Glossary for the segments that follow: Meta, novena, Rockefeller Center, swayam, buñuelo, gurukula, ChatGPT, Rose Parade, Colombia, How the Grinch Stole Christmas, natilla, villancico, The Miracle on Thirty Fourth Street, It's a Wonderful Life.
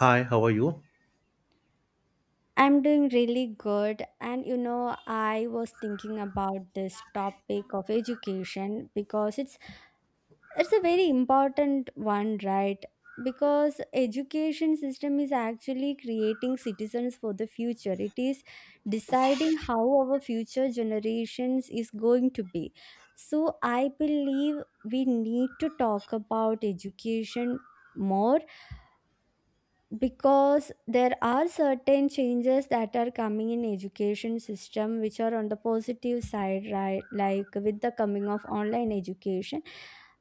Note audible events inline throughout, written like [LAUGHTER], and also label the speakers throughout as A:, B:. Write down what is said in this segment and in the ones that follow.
A: Hi, how are you?
B: I'm doing really good. I was thinking about this topic of education because it's a very important one, right? Because education system is actually creating citizens for the future. It is deciding how our future generations is going to be. So I believe we need to talk about education more, because there are certain changes that are coming in education system which are on the positive side, right? Like with the coming of online education,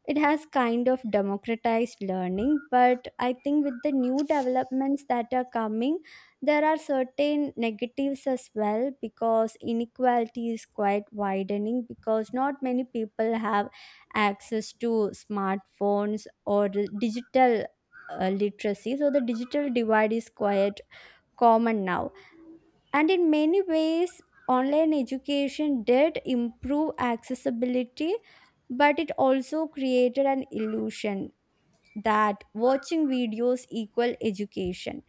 B: it has kind of democratized learning. But I think with the new developments that are coming, there are certain negatives as well, because inequality is quite widening, because not many people have access to smartphones or digital literacy. So the digital divide is quite common now. And in many ways, online education did improve accessibility, but it also created an illusion that watching videos equal education.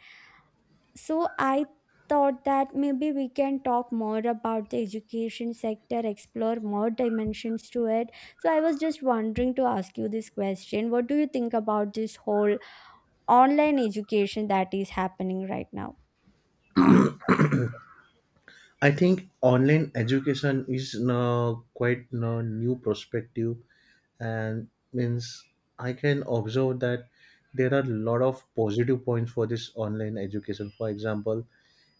B: So I thought that maybe we can talk more about the education sector, explore more dimensions to it. So I was just wondering to ask you this question: what do you think about this whole online education that is happening right now?
A: I think online education is now quite a new perspective and means I can observe that there are a lot of positive points for this online education. For example,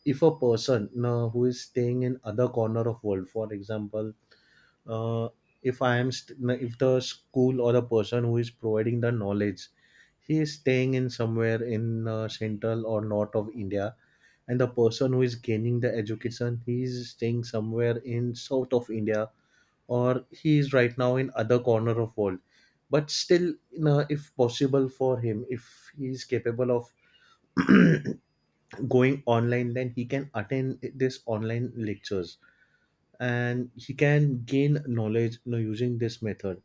A: if a person now who is staying in other corner of world, for example, uh, if I am st- if the school or the person who is providing the knowledge, he is staying in somewhere in central or north of India, and the person who is gaining the education, he is staying somewhere in south of India, or he is right now in other corner of world, but still if possible for him, if he is capable of [CLEARS THROAT] going online, then he can attend this online lectures and he can gain knowledge, using this method.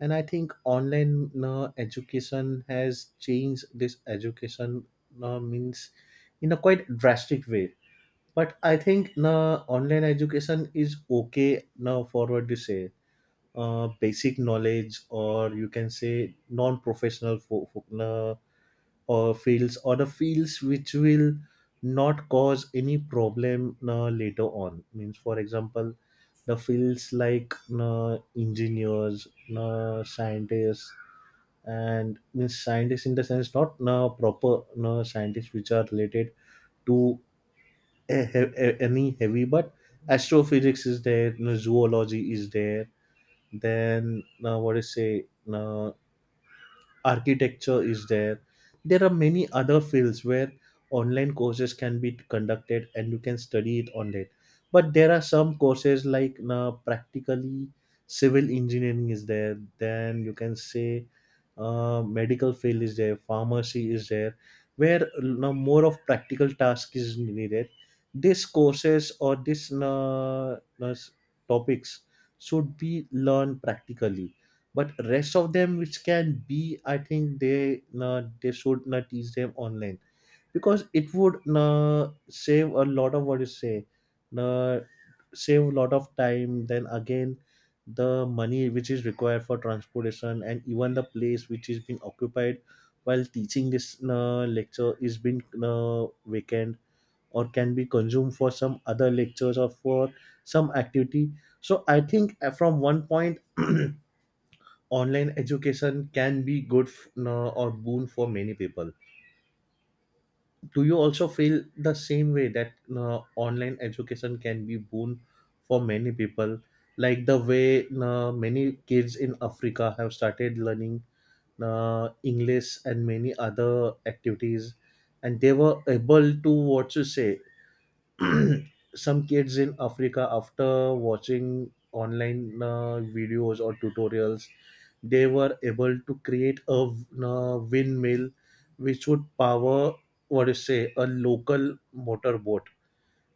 A: And I think online education has changed this education you know, means in a quite drastic way. But I think online education is okay now for what you say, basic knowledge, or you can say non-professional fo- fo- you or fields, or the fields which will not cause any problem later on, means for example, the fields like engineers, scientists, and means scientists in the sense, not proper scientists which are related to any heavy, but astrophysics is there, zoology is there. Then what is say? Uh, architecture is there. There are many other fields where online courses can be conducted and you can study it online. But there are some courses like practically, civil engineering is there, then you can say medical field is there, pharmacy is there, where more of practical task is needed. These courses, or these topics, should be learned practically. But rest of them which can be, I think, they should not teach them online, because it would save a lot of, what you say, uh, save a lot of time. Then again, the money which is required for transportation, and even the place which is being occupied while teaching this lecture is being vacant, or can be consumed for some other lectures, or for some activity. So I think from one point, online education can be good, no, or boon for many people. Do you also feel the same way, that no, online education can be boon for many people, like the way, no, many kids in Africa have started learning, no, English and many other activities, and they were able to, what you say, [CLEARS THROAT] some kids in Africa after watching online videos or tutorials, they were able to create a windmill which would power, what do you say, a local motorboat,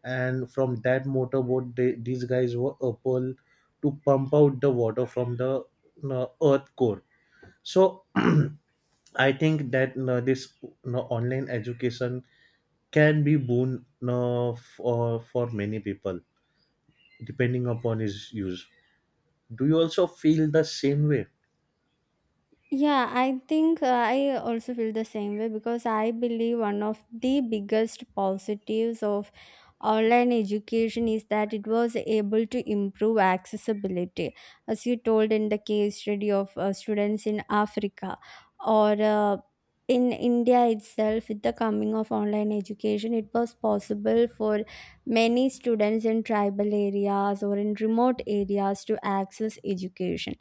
A: and from that motorboat, they, these guys were able to pump out the water from the earth core. So [CLEARS THROAT] I think that this online education can be boon for many people, depending upon his use. Do you also feel the same way?
B: Yeah, I think I also feel the same way, because I believe one of the biggest positives of online education is that it was able to improve accessibility, as you told in the case study of students in Africa or in India itself. With the coming of online education, it was possible for many students in tribal areas or in remote areas to access education.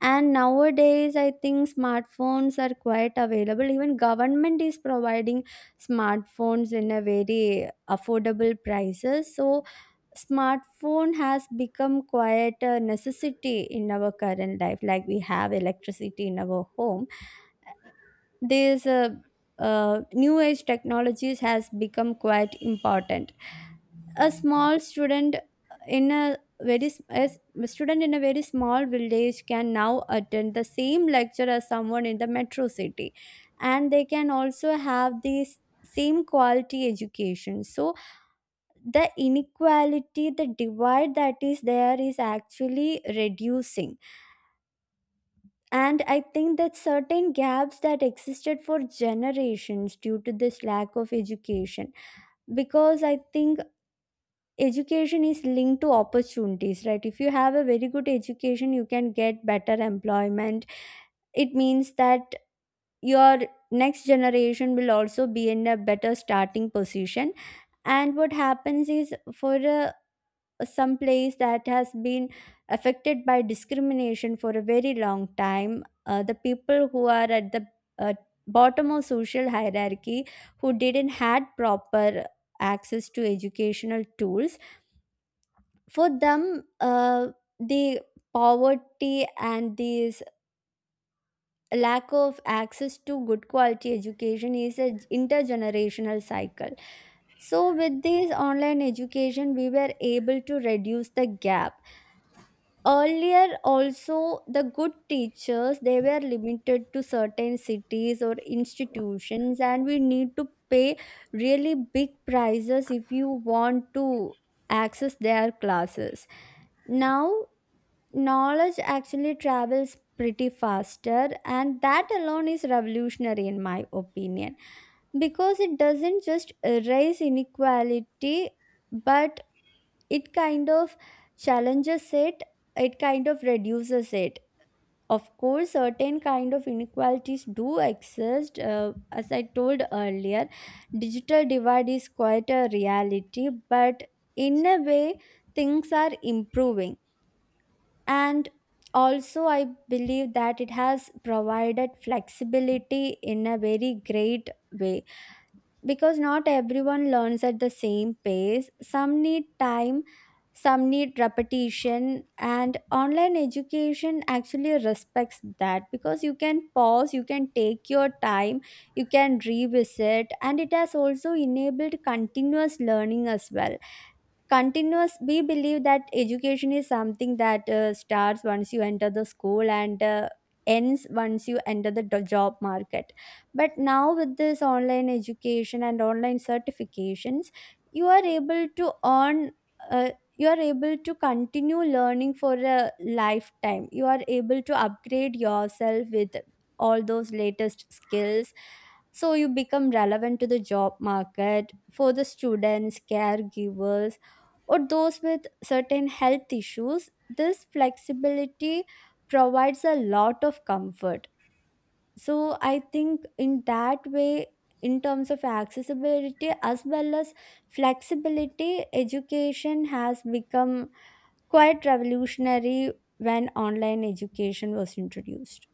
B: And nowadays, I think smartphones are quite available. Even government is providing smartphones in a very affordable prices. So smartphone has become quite a necessity in our current life, like we have electricity in our home. These New age technologies has become quite important. A small student in a very s- a s- A student in a very small village can now attend the same lecture as someone in the metro city, and they can also have this same quality education. So the inequality, the divide that is there, is actually reducing. And I think that certain gaps that existed for generations due to this lack of education, because I think education is linked to opportunities, right? If you have a very good education, you can get better employment. It means that your next generation will also be in a better starting position. And what happens is, some place that has been affected by discrimination for a very long time, the people who are at the uh, bottom of social hierarchy, who didn't had proper access to educational tools, for them, the poverty and this lack of access to good quality education is a intergenerational cycle. So with this online education, we were able to reduce the gap. Earlier also, the good teachers, they were limited to certain cities or institutions, and we need to pay really big prices if you want to access their classes. Now knowledge actually travels pretty faster, and that alone is revolutionary in my opinion, because it doesn't just erase inequality, but it kind of challenges it, it kind of reduces it. Of course, certain kind of inequalities do exist, as I told earlier, digital divide is quite a reality, but in a way, things are improving. And also I believe that it has provided flexibility in a very great way, because not everyone learns at the same pace. Some need time, some need repetition, and online education actually respects that, because you can pause, you can take your time, you can revisit. And it has also enabled continuous learning as well. Continuous, we believe that education is something that starts once you enter the school and ends once you enter the job market. But now with this online education and online certifications, you are able to earn, uh, you are able to continue learning for a lifetime, you are able to upgrade yourself with all those latest skills. So you become relevant to the job market. For the students, caregivers, or those with certain health issues, this flexibility provides a lot of comfort. So I think in that way, in terms of accessibility as well as flexibility, education has become quite revolutionary when online education was introduced.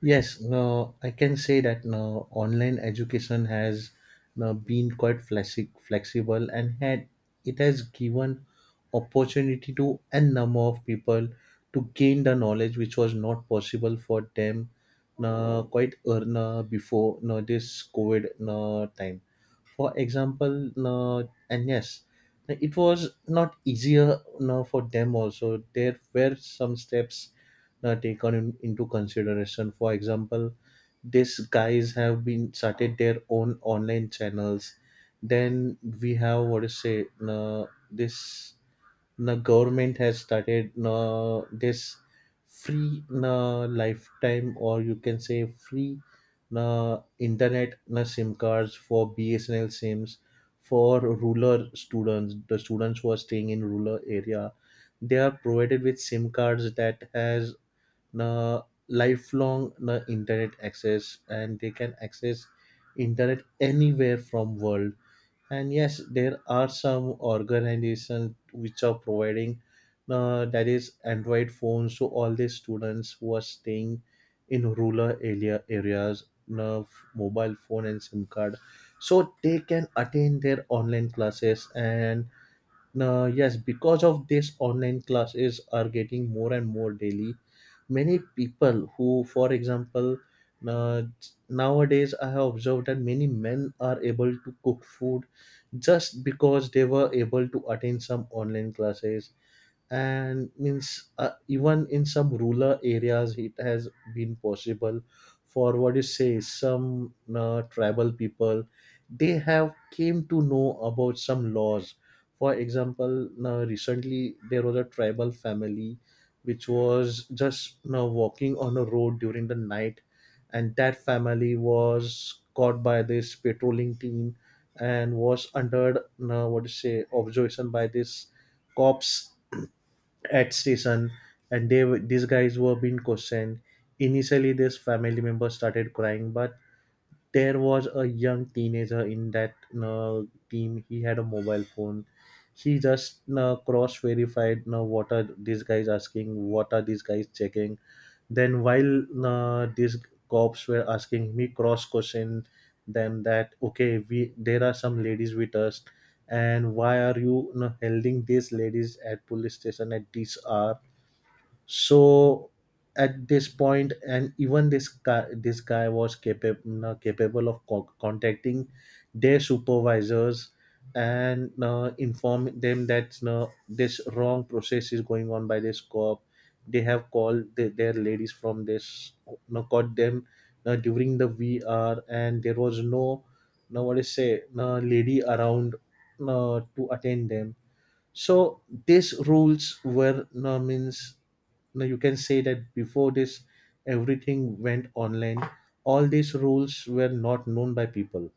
A: Yes, no, I can say that no, online education has, no, been quite flexible, and had, it has given opportunity to a number of people to gain the knowledge which was not possible for them, no, quite no, before, no, this COVID, no, time. For example, no, and yes, it was not easier, no, for them also. There were some steps taken in, into consideration. For example, these guys have been started their own online channels. Then we have, what to say, this, the government has started this free lifetime, or you can say free internet SIM cards for BSNL SIMs for rural students. The students who are staying in rural area, they are provided with SIM cards that has na lifelong na internet access, and they can access internet anywhere from world. And yes, there are some organizations which are providing, that is, Android phones to all the students who are staying in rural areas, uh, mobile phone and SIM card, so they can attend their online classes. And yes, because of this, online classes are getting more and more daily. Many people, who, for example, uh, nowadays, I have observed that many men are able to cook food just because they were able to attend some online classes. And means, even in some rural areas, it has been possible for, what you say, some tribal people, they have came to know about some laws. For example, now recently there was a tribal family which was just now walking on a road during the night, and that family was caught by this patrolling team and was under, what to say, observation by this cops at station, and they these guys were being questioned. Initially this family member started crying, but there was a young teenager in that uh, team, he had a mobile phone. He just cross verified what are these guys asking, what are these guys checking. Then while these cops were asking me, cross question them that okay, we, there are some ladies with us, and why are you, holding these ladies at police station at this hour? So at this point, and even this guy was capable of contacting their supervisors, and inform them that this wrong process is going on by this co-op. They have called the, their ladies from this, no caught them during the vr, and there was no, no, what is say, no lady around to attend them. So these rules were, now means, now you can say that before this everything went online, all these rules were not known by people.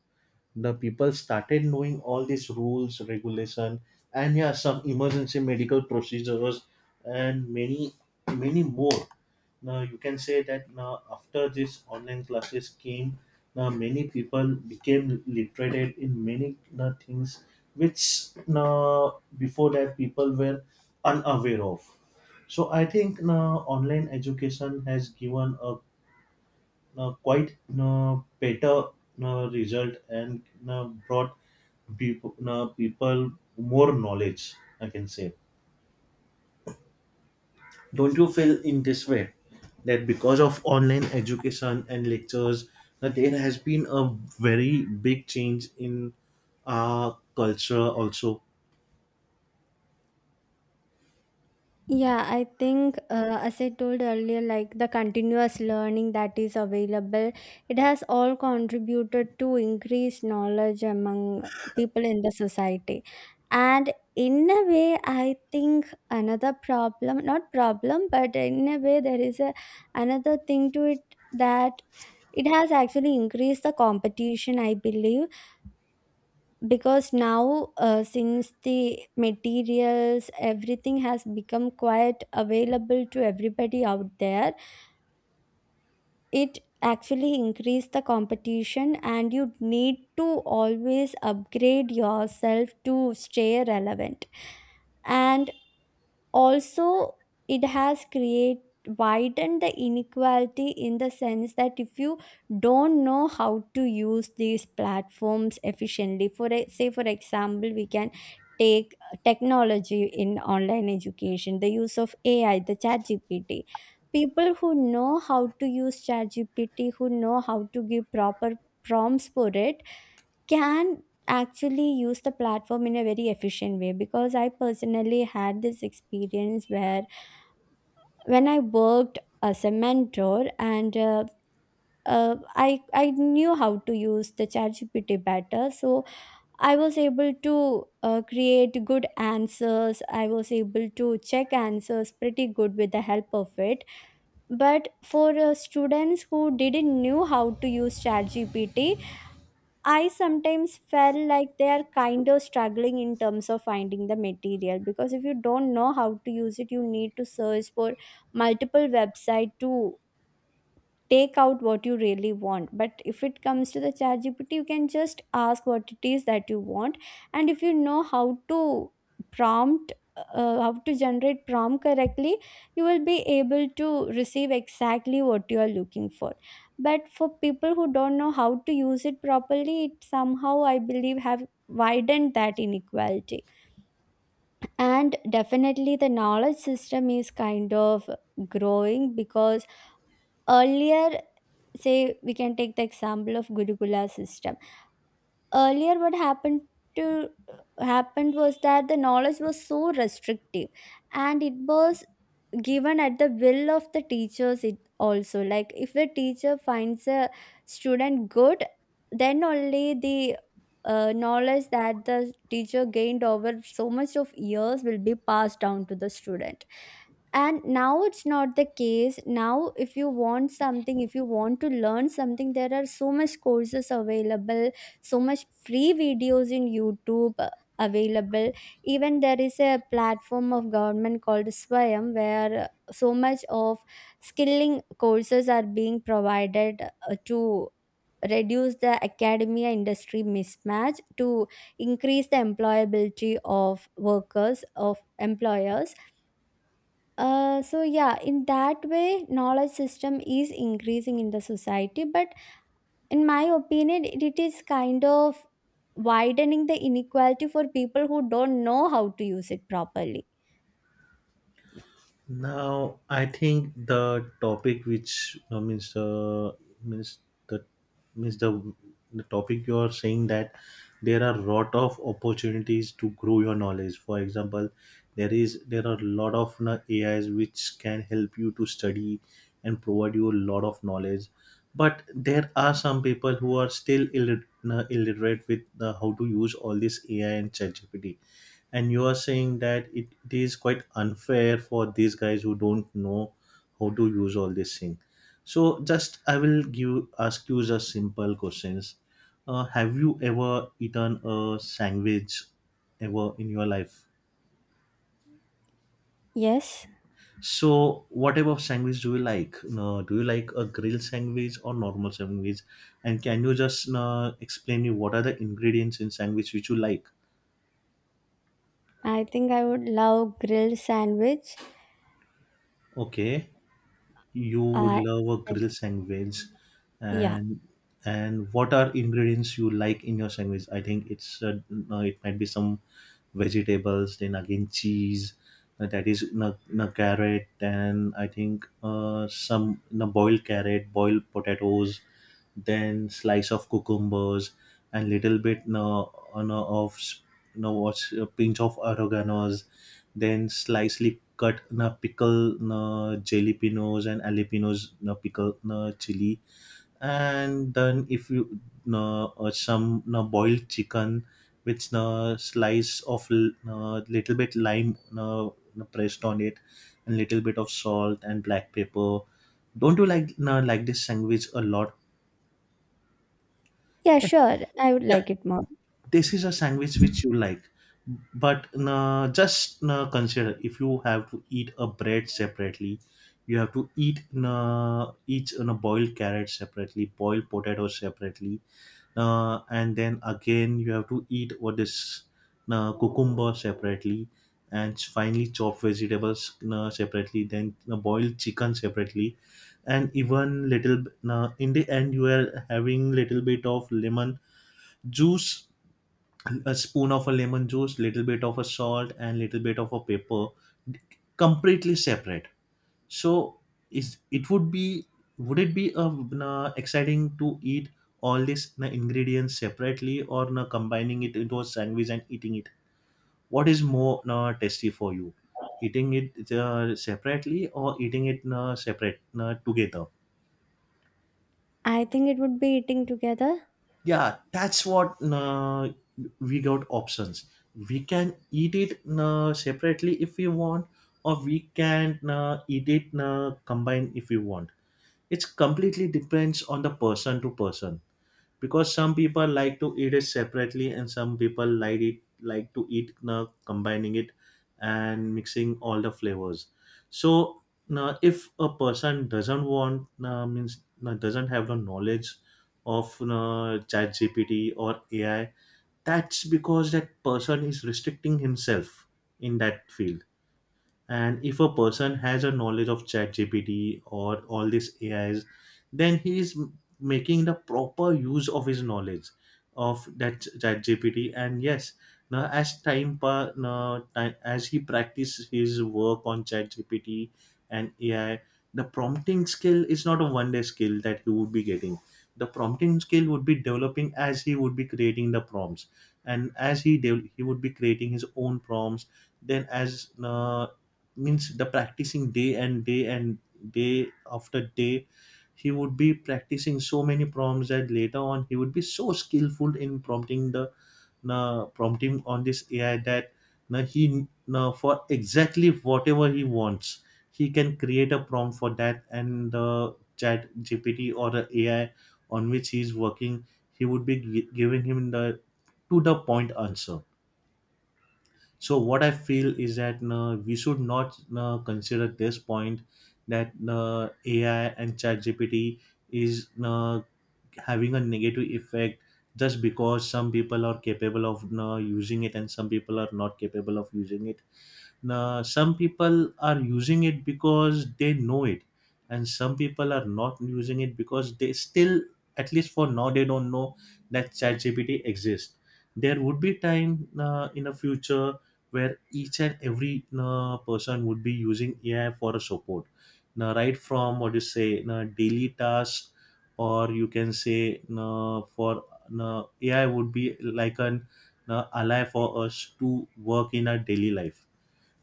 A: The people started knowing all these rules regulation, and yeah, some emergency medical procedures, and many, many more. Now you can say that, now after these online classes came, now many people became literated in many things which, now, before that people were unaware of. So I think now online education has given a quite better result, and brought people, people more knowledge, I can say. Don't you feel in this way, that because of online education and lectures, that there has been a very big change in our culture also?
B: Yeah, I think, as I told earlier, like the continuous learning that is available, it has all contributed to increased knowledge among people in the society. And in a way, I think another problem, not problem, but in a way, there is another thing to it, that it has actually increased the competition, I believe. Because now, since the materials, everything has become quite available to everybody out there, it actually increase the competition and you need to always upgrade yourself to stay relevant. And also it has create widened the inequality, in the sense that if you don't know how to use these platforms efficiently, for say, for example, we can take technology in online education, the use of AI, the chat gpt people who know how to use chat gpt who know how to give proper prompts for it, can actually use the platform in a very efficient way. Because I personally had this experience where when I worked as a mentor and I knew how to use the ChatGPT better, so I was able to create good answers. I was able to check answers pretty good with the help of it. But for students who didn't knew how to use ChatGPT, I sometimes felt like they are kind of struggling in terms of finding the material. Because if you don't know how to use it, you need to search for multiple website to take out what you really want. But if it comes to the chat gpt you can just ask what it is that you want. And if you know how to prompt, how to generate prompt correctly, you will be able to receive exactly what you are looking for. But for people who don't know how to use it properly, it somehow I believe have widened that inequality. And definitely the knowledge system is kind of growing, because earlier, say we can take the example of gurukula system. Earlier what to happened was that the knowledge was so restrictive, and it was given at the will of the teachers. It also like if the teacher finds a student good, then only the knowledge that the teacher gained over so much of years will be passed down to the student. And now it's not the case. Now if you want something, if you want to learn something, there are so much courses available, so much free videos in YouTube available. Even there is a platform of government called Swayam, where so much of skilling courses are being provided to reduce the academia industry mismatch, to increase the employability of workers, of employers. So yeah, in that way, knowledge system is increasing in the society, but in my opinion, it is kind of widening the inequality for people who don't know how to use it properly.
A: Now, I think the topic which means means the means the topic you are saying, that there are lot of opportunities to grow your knowledge. For example, there are lot of na, AIs which can help you to study and provide you a lot of knowledge. But there are some people who are still illiterate, illiterate with how to use all this AI and ChatGPT, and you are saying that it is quite unfair for these guys who don't know how to use all these things. So just I will give ask you just simple questions. Have you ever eaten a sandwich ever in your life?
B: Yes.
A: So what type of sandwich do you like, no, do you like a grilled sandwich or normal sandwich? And can you just explain me, what are the ingredients in sandwich which you like?
B: I think I would love grilled sandwich.
A: Okay. You would
B: uh,
A: love a grilled sandwich,
B: yeah.
A: and and what are ingredients you like in your sandwich? I think it's no, it might be some vegetables, then again cheese, that is na na carrot, and I think some na boiled carrot, boiled potatoes, then slice of cucumbers, and little bit, no, no, of no, what's, a pinch of oregano's, then slightly cut na pickle na jalapenos, and jalapenos na pickle na chili, and then if you na some na boiled chicken with na slice of na little bit lime, na, na pressed on it, and little bit of salt and black pepper. Don't you like na, like this sandwich a lot?
B: Yeah,
A: Yeah,
B: sure. I would like it more.
A: this is a sandwich which you like. But just consider, if you have to eat a bread separately, you have to eat each boiled carrot separately, boiled potato separately, and then again you have to eat, what is, cucumber separately, and finally chopped vegetables separately, then boiled chicken separately, and even little in the end you are having little bit of lemon juice, a spoon of a lemon juice, little bit of a salt and little bit of a pepper, completely separate. So is it would be, would it be na, exciting to eat all these na, ingredients separately, or na, combining it into a sandwich and eating it? What is more na, tasty for you, eating it separately, or eating it na, separate na, together?
B: I think it would be eating together.
A: Yeah, that's what we got options. We can eat it separately if we want, or we can eat it combined if we want. It's completely depends on the person to person, because some people like to eat it separately, and some people like to eat now, combining it and mixing all the flavors. So now, if a person doesn't want, means, doesn't have the knowledge of chat gpt or AI, that's because that person is restricting himself in that field. And if a person has a knowledge of chat gpt or all these AIs, then he is making the proper use of his knowledge of that chat gpt and yes, now as time pa- now, ti- as he practices his work on chat gpt and AI, the prompting skill is not a one day skill that he would be getting. The prompting skill would be developing as he would be creating the prompts, and he would be creating his own prompts. Then as means, the practicing day and day and day after day, he would be practicing so many prompts that later on he would be so skillful in prompting the na prompting on this AI, that na he, na for exactly whatever he wants, he can create a prompt for that, and the chat gpt or the AI on which he is working, he would be giving him the to the point answer. So what I feel is that we should not consider this point that AI and ChatGPT is having a negative effect, just because some people are capable of using it and some people are not capable of using it. Now, some people are using it because they know it, and some people are not using it because they still, at least for now, they don't know that ChatGPT exists. There would be time in the future where each and every person would be using AI for a support. Now, right from what you say, now daily tasks, or you can say for AI would be like an ally for us to work in our daily life.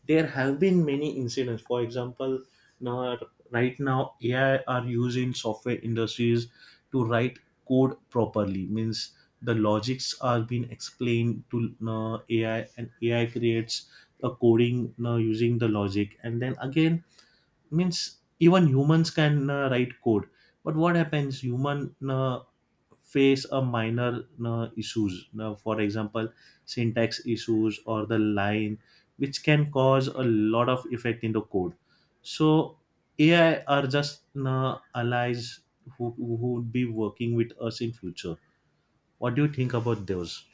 A: There have been many incidents, for example. Now, right now, AI are used in software industries to write code properly, means the logics are being explained to AI, and AI creates a coding now using the logic. And then again, means even humans can write code, but what happens, human face a minor issues. Now, for example, syntax issues or the line, which can cause a lot of effect in the code. So AI are just allies who would be working with us in future. What do you think about those?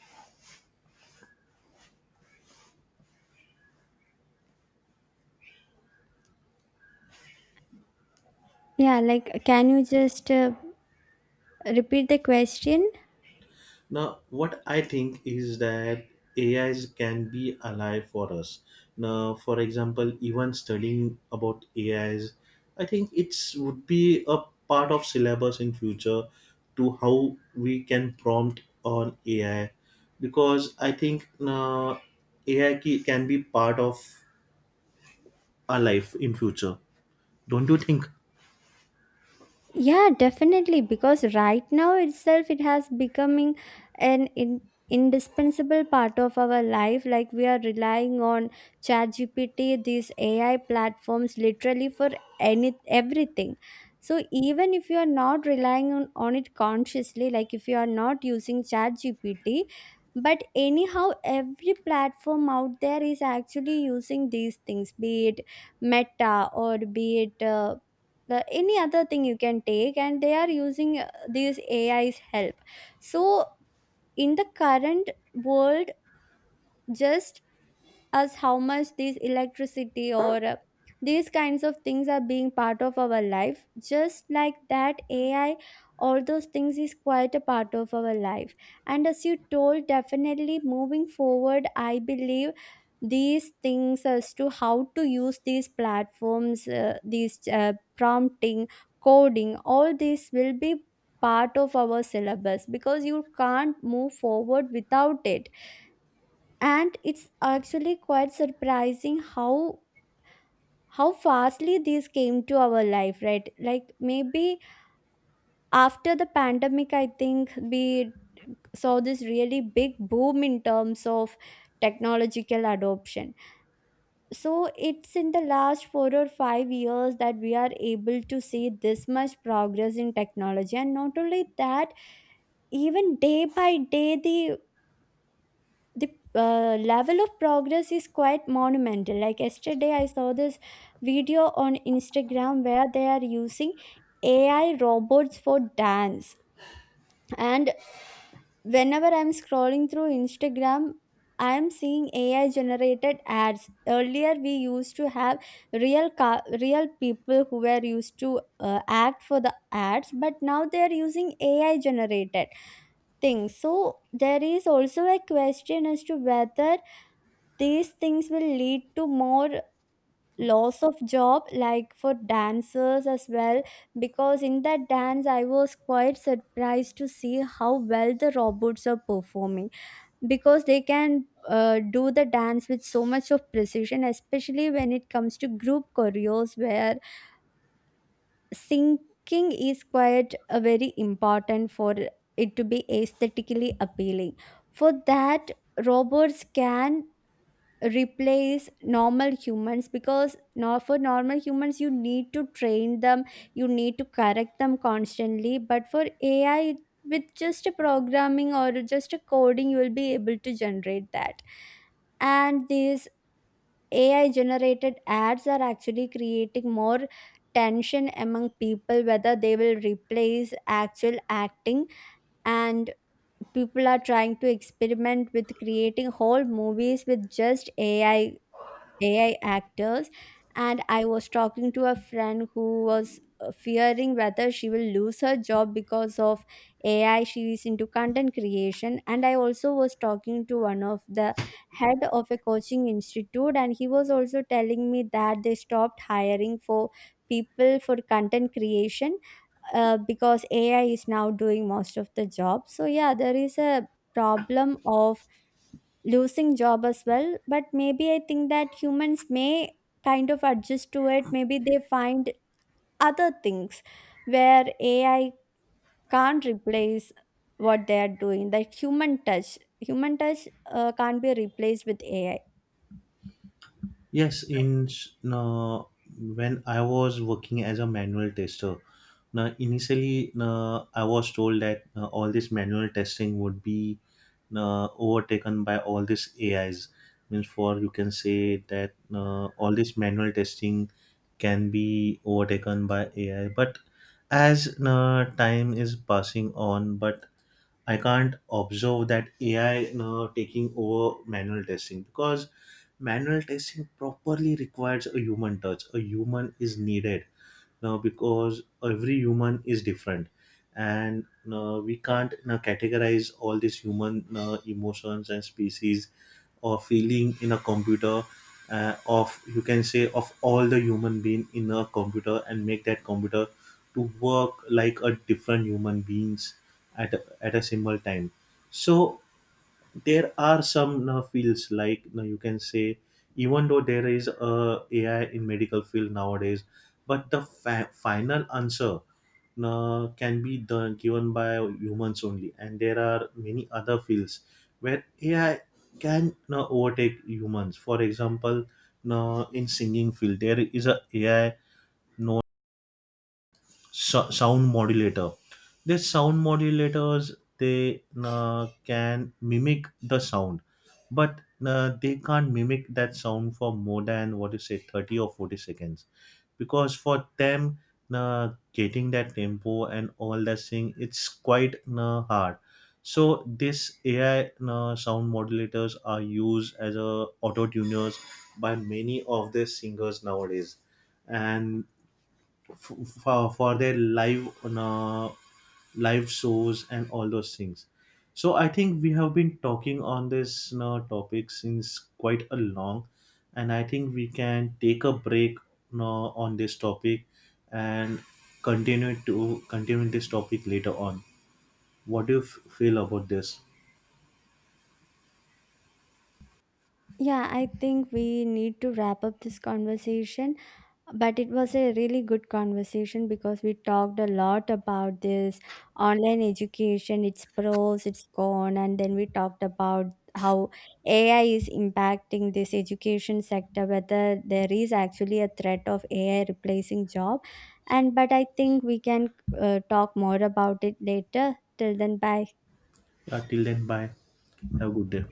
B: Yeah, like can you just repeat the question?
A: Now, what I think is that AIs can be alive for us. Now, for example, even studying about AIs, I think it's would be a part of syllabus in future, to how we can prompt on AI, because I think AI can be part of our life in future. Don't you think?
B: Yeah, definitely. Because right now itself, it has becoming an in, indispensable part of our life. Like we are relying on ChatGPT, these AI platforms, literally for any everything. So even if you are not relying on it consciously, like if you are not using ChatGPT, but anyhow, every platform out there is actually using these things, be it Meta or be it. The any other thing you can take, and they are using these AI's help. So in the current world, just us how much these electricity or these kinds of things are being part of our life, just like that, AI, all those things is quite a part of our life. And as you told, definitely moving forward, I believe these things, as to how to use these platforms, these prompting, coding, all these will be part of our syllabus, because you can't move forward without it. And it's actually quite surprising how fastly these came to our life, right? Like maybe after the pandemic, I think we saw this really big boom in terms of technological adoption. So it's in the last 4 or 5 years that we are able to see this much progress in technology. And not only that, even day by day, the the level of progress is quite monumental. Like yesterday I saw this video on Instagram where they are using AI robots for dance. And whenever I'm scrolling through Instagram, I'm seeing AI generated ads. Earlier we used to have real people who were used to act for the ads, but now they are using AI generated things. So there is also a question as to whether these things will lead to more loss of job, like for dancers as well. Because in that dance, I was quite surprised to see how well the robots are performing. Because they can do the dance with so much of precision, especially when it comes to group choreos, where syncing is quite a very important for it to be aesthetically appealing. For that, robots can replace normal humans, because now for normal humans you need to train them, you need to correct them constantly. But for AI, with just a programming or just a coding, you will be able to generate that. And these AI generated ads are actually creating more tension among people whether they will replace actual acting. And people are trying to experiment with creating whole movies with just AI actors. And I was talking to a friend who was fearing whether she will lose her job because of AI. She is into content creation. And I also was talking to one of the head of a coaching institute, and he was also telling me that they stopped hiring for people for content creation, because AI is now doing most of the job. So, yeah, there is a problem of losing job as well. But maybe I think that humans may kind of adjust to it, maybe they find other things where AI can't replace what they are doing. That human touch, human touch can't be replaced with AI.
A: Yes, in uh, when I was working as a manual tester, now, initially, I was told that all this manual testing would be overtaken by all these AIs. Means, for you can say that all this manual testing can be overtaken by AI. But as time is passing on, but I can't observe that AI taking over manual testing, because manual testing properly requires a human touch. A human is needed, because every human is different, and we can't categorize all these human emotions and species or feeling in a computer, of, you can say, of all the human being in a computer, and make that computer to work like a different human beings at a single time. So there are some now fields, like now you can say, even though there is a AI in medical field nowadays, but the final answer can be done given by humans only. And there are many other fields where AI can now overtake humans, for example, now in singing field, there is a AI sound modulator. These sound modulators, they can mimic the sound, but they can't mimic that sound for more than what you say 30 or 40 seconds, because for them getting that tempo and all that thing, it's quite hard. So this AI sound modulators are used as a auto tuners by many of the singers nowadays, and f- for their live on live shows and all those things. So I think we have been talking on this, topic since quite a long, and I think we can take a break, on this topic, and continue this topic later on. What do you feel about this?
B: Yeah, I think we need to wrap up this conversation. But it was a really good conversation, because we talked a lot about this online education, its pros, its con, and then we talked about how AI is impacting this education sector, whether there is actually a threat of AI replacing job. And but I think we can talk more about it later. Till then, bye.
A: Yeah, till then, bye. Have a good day.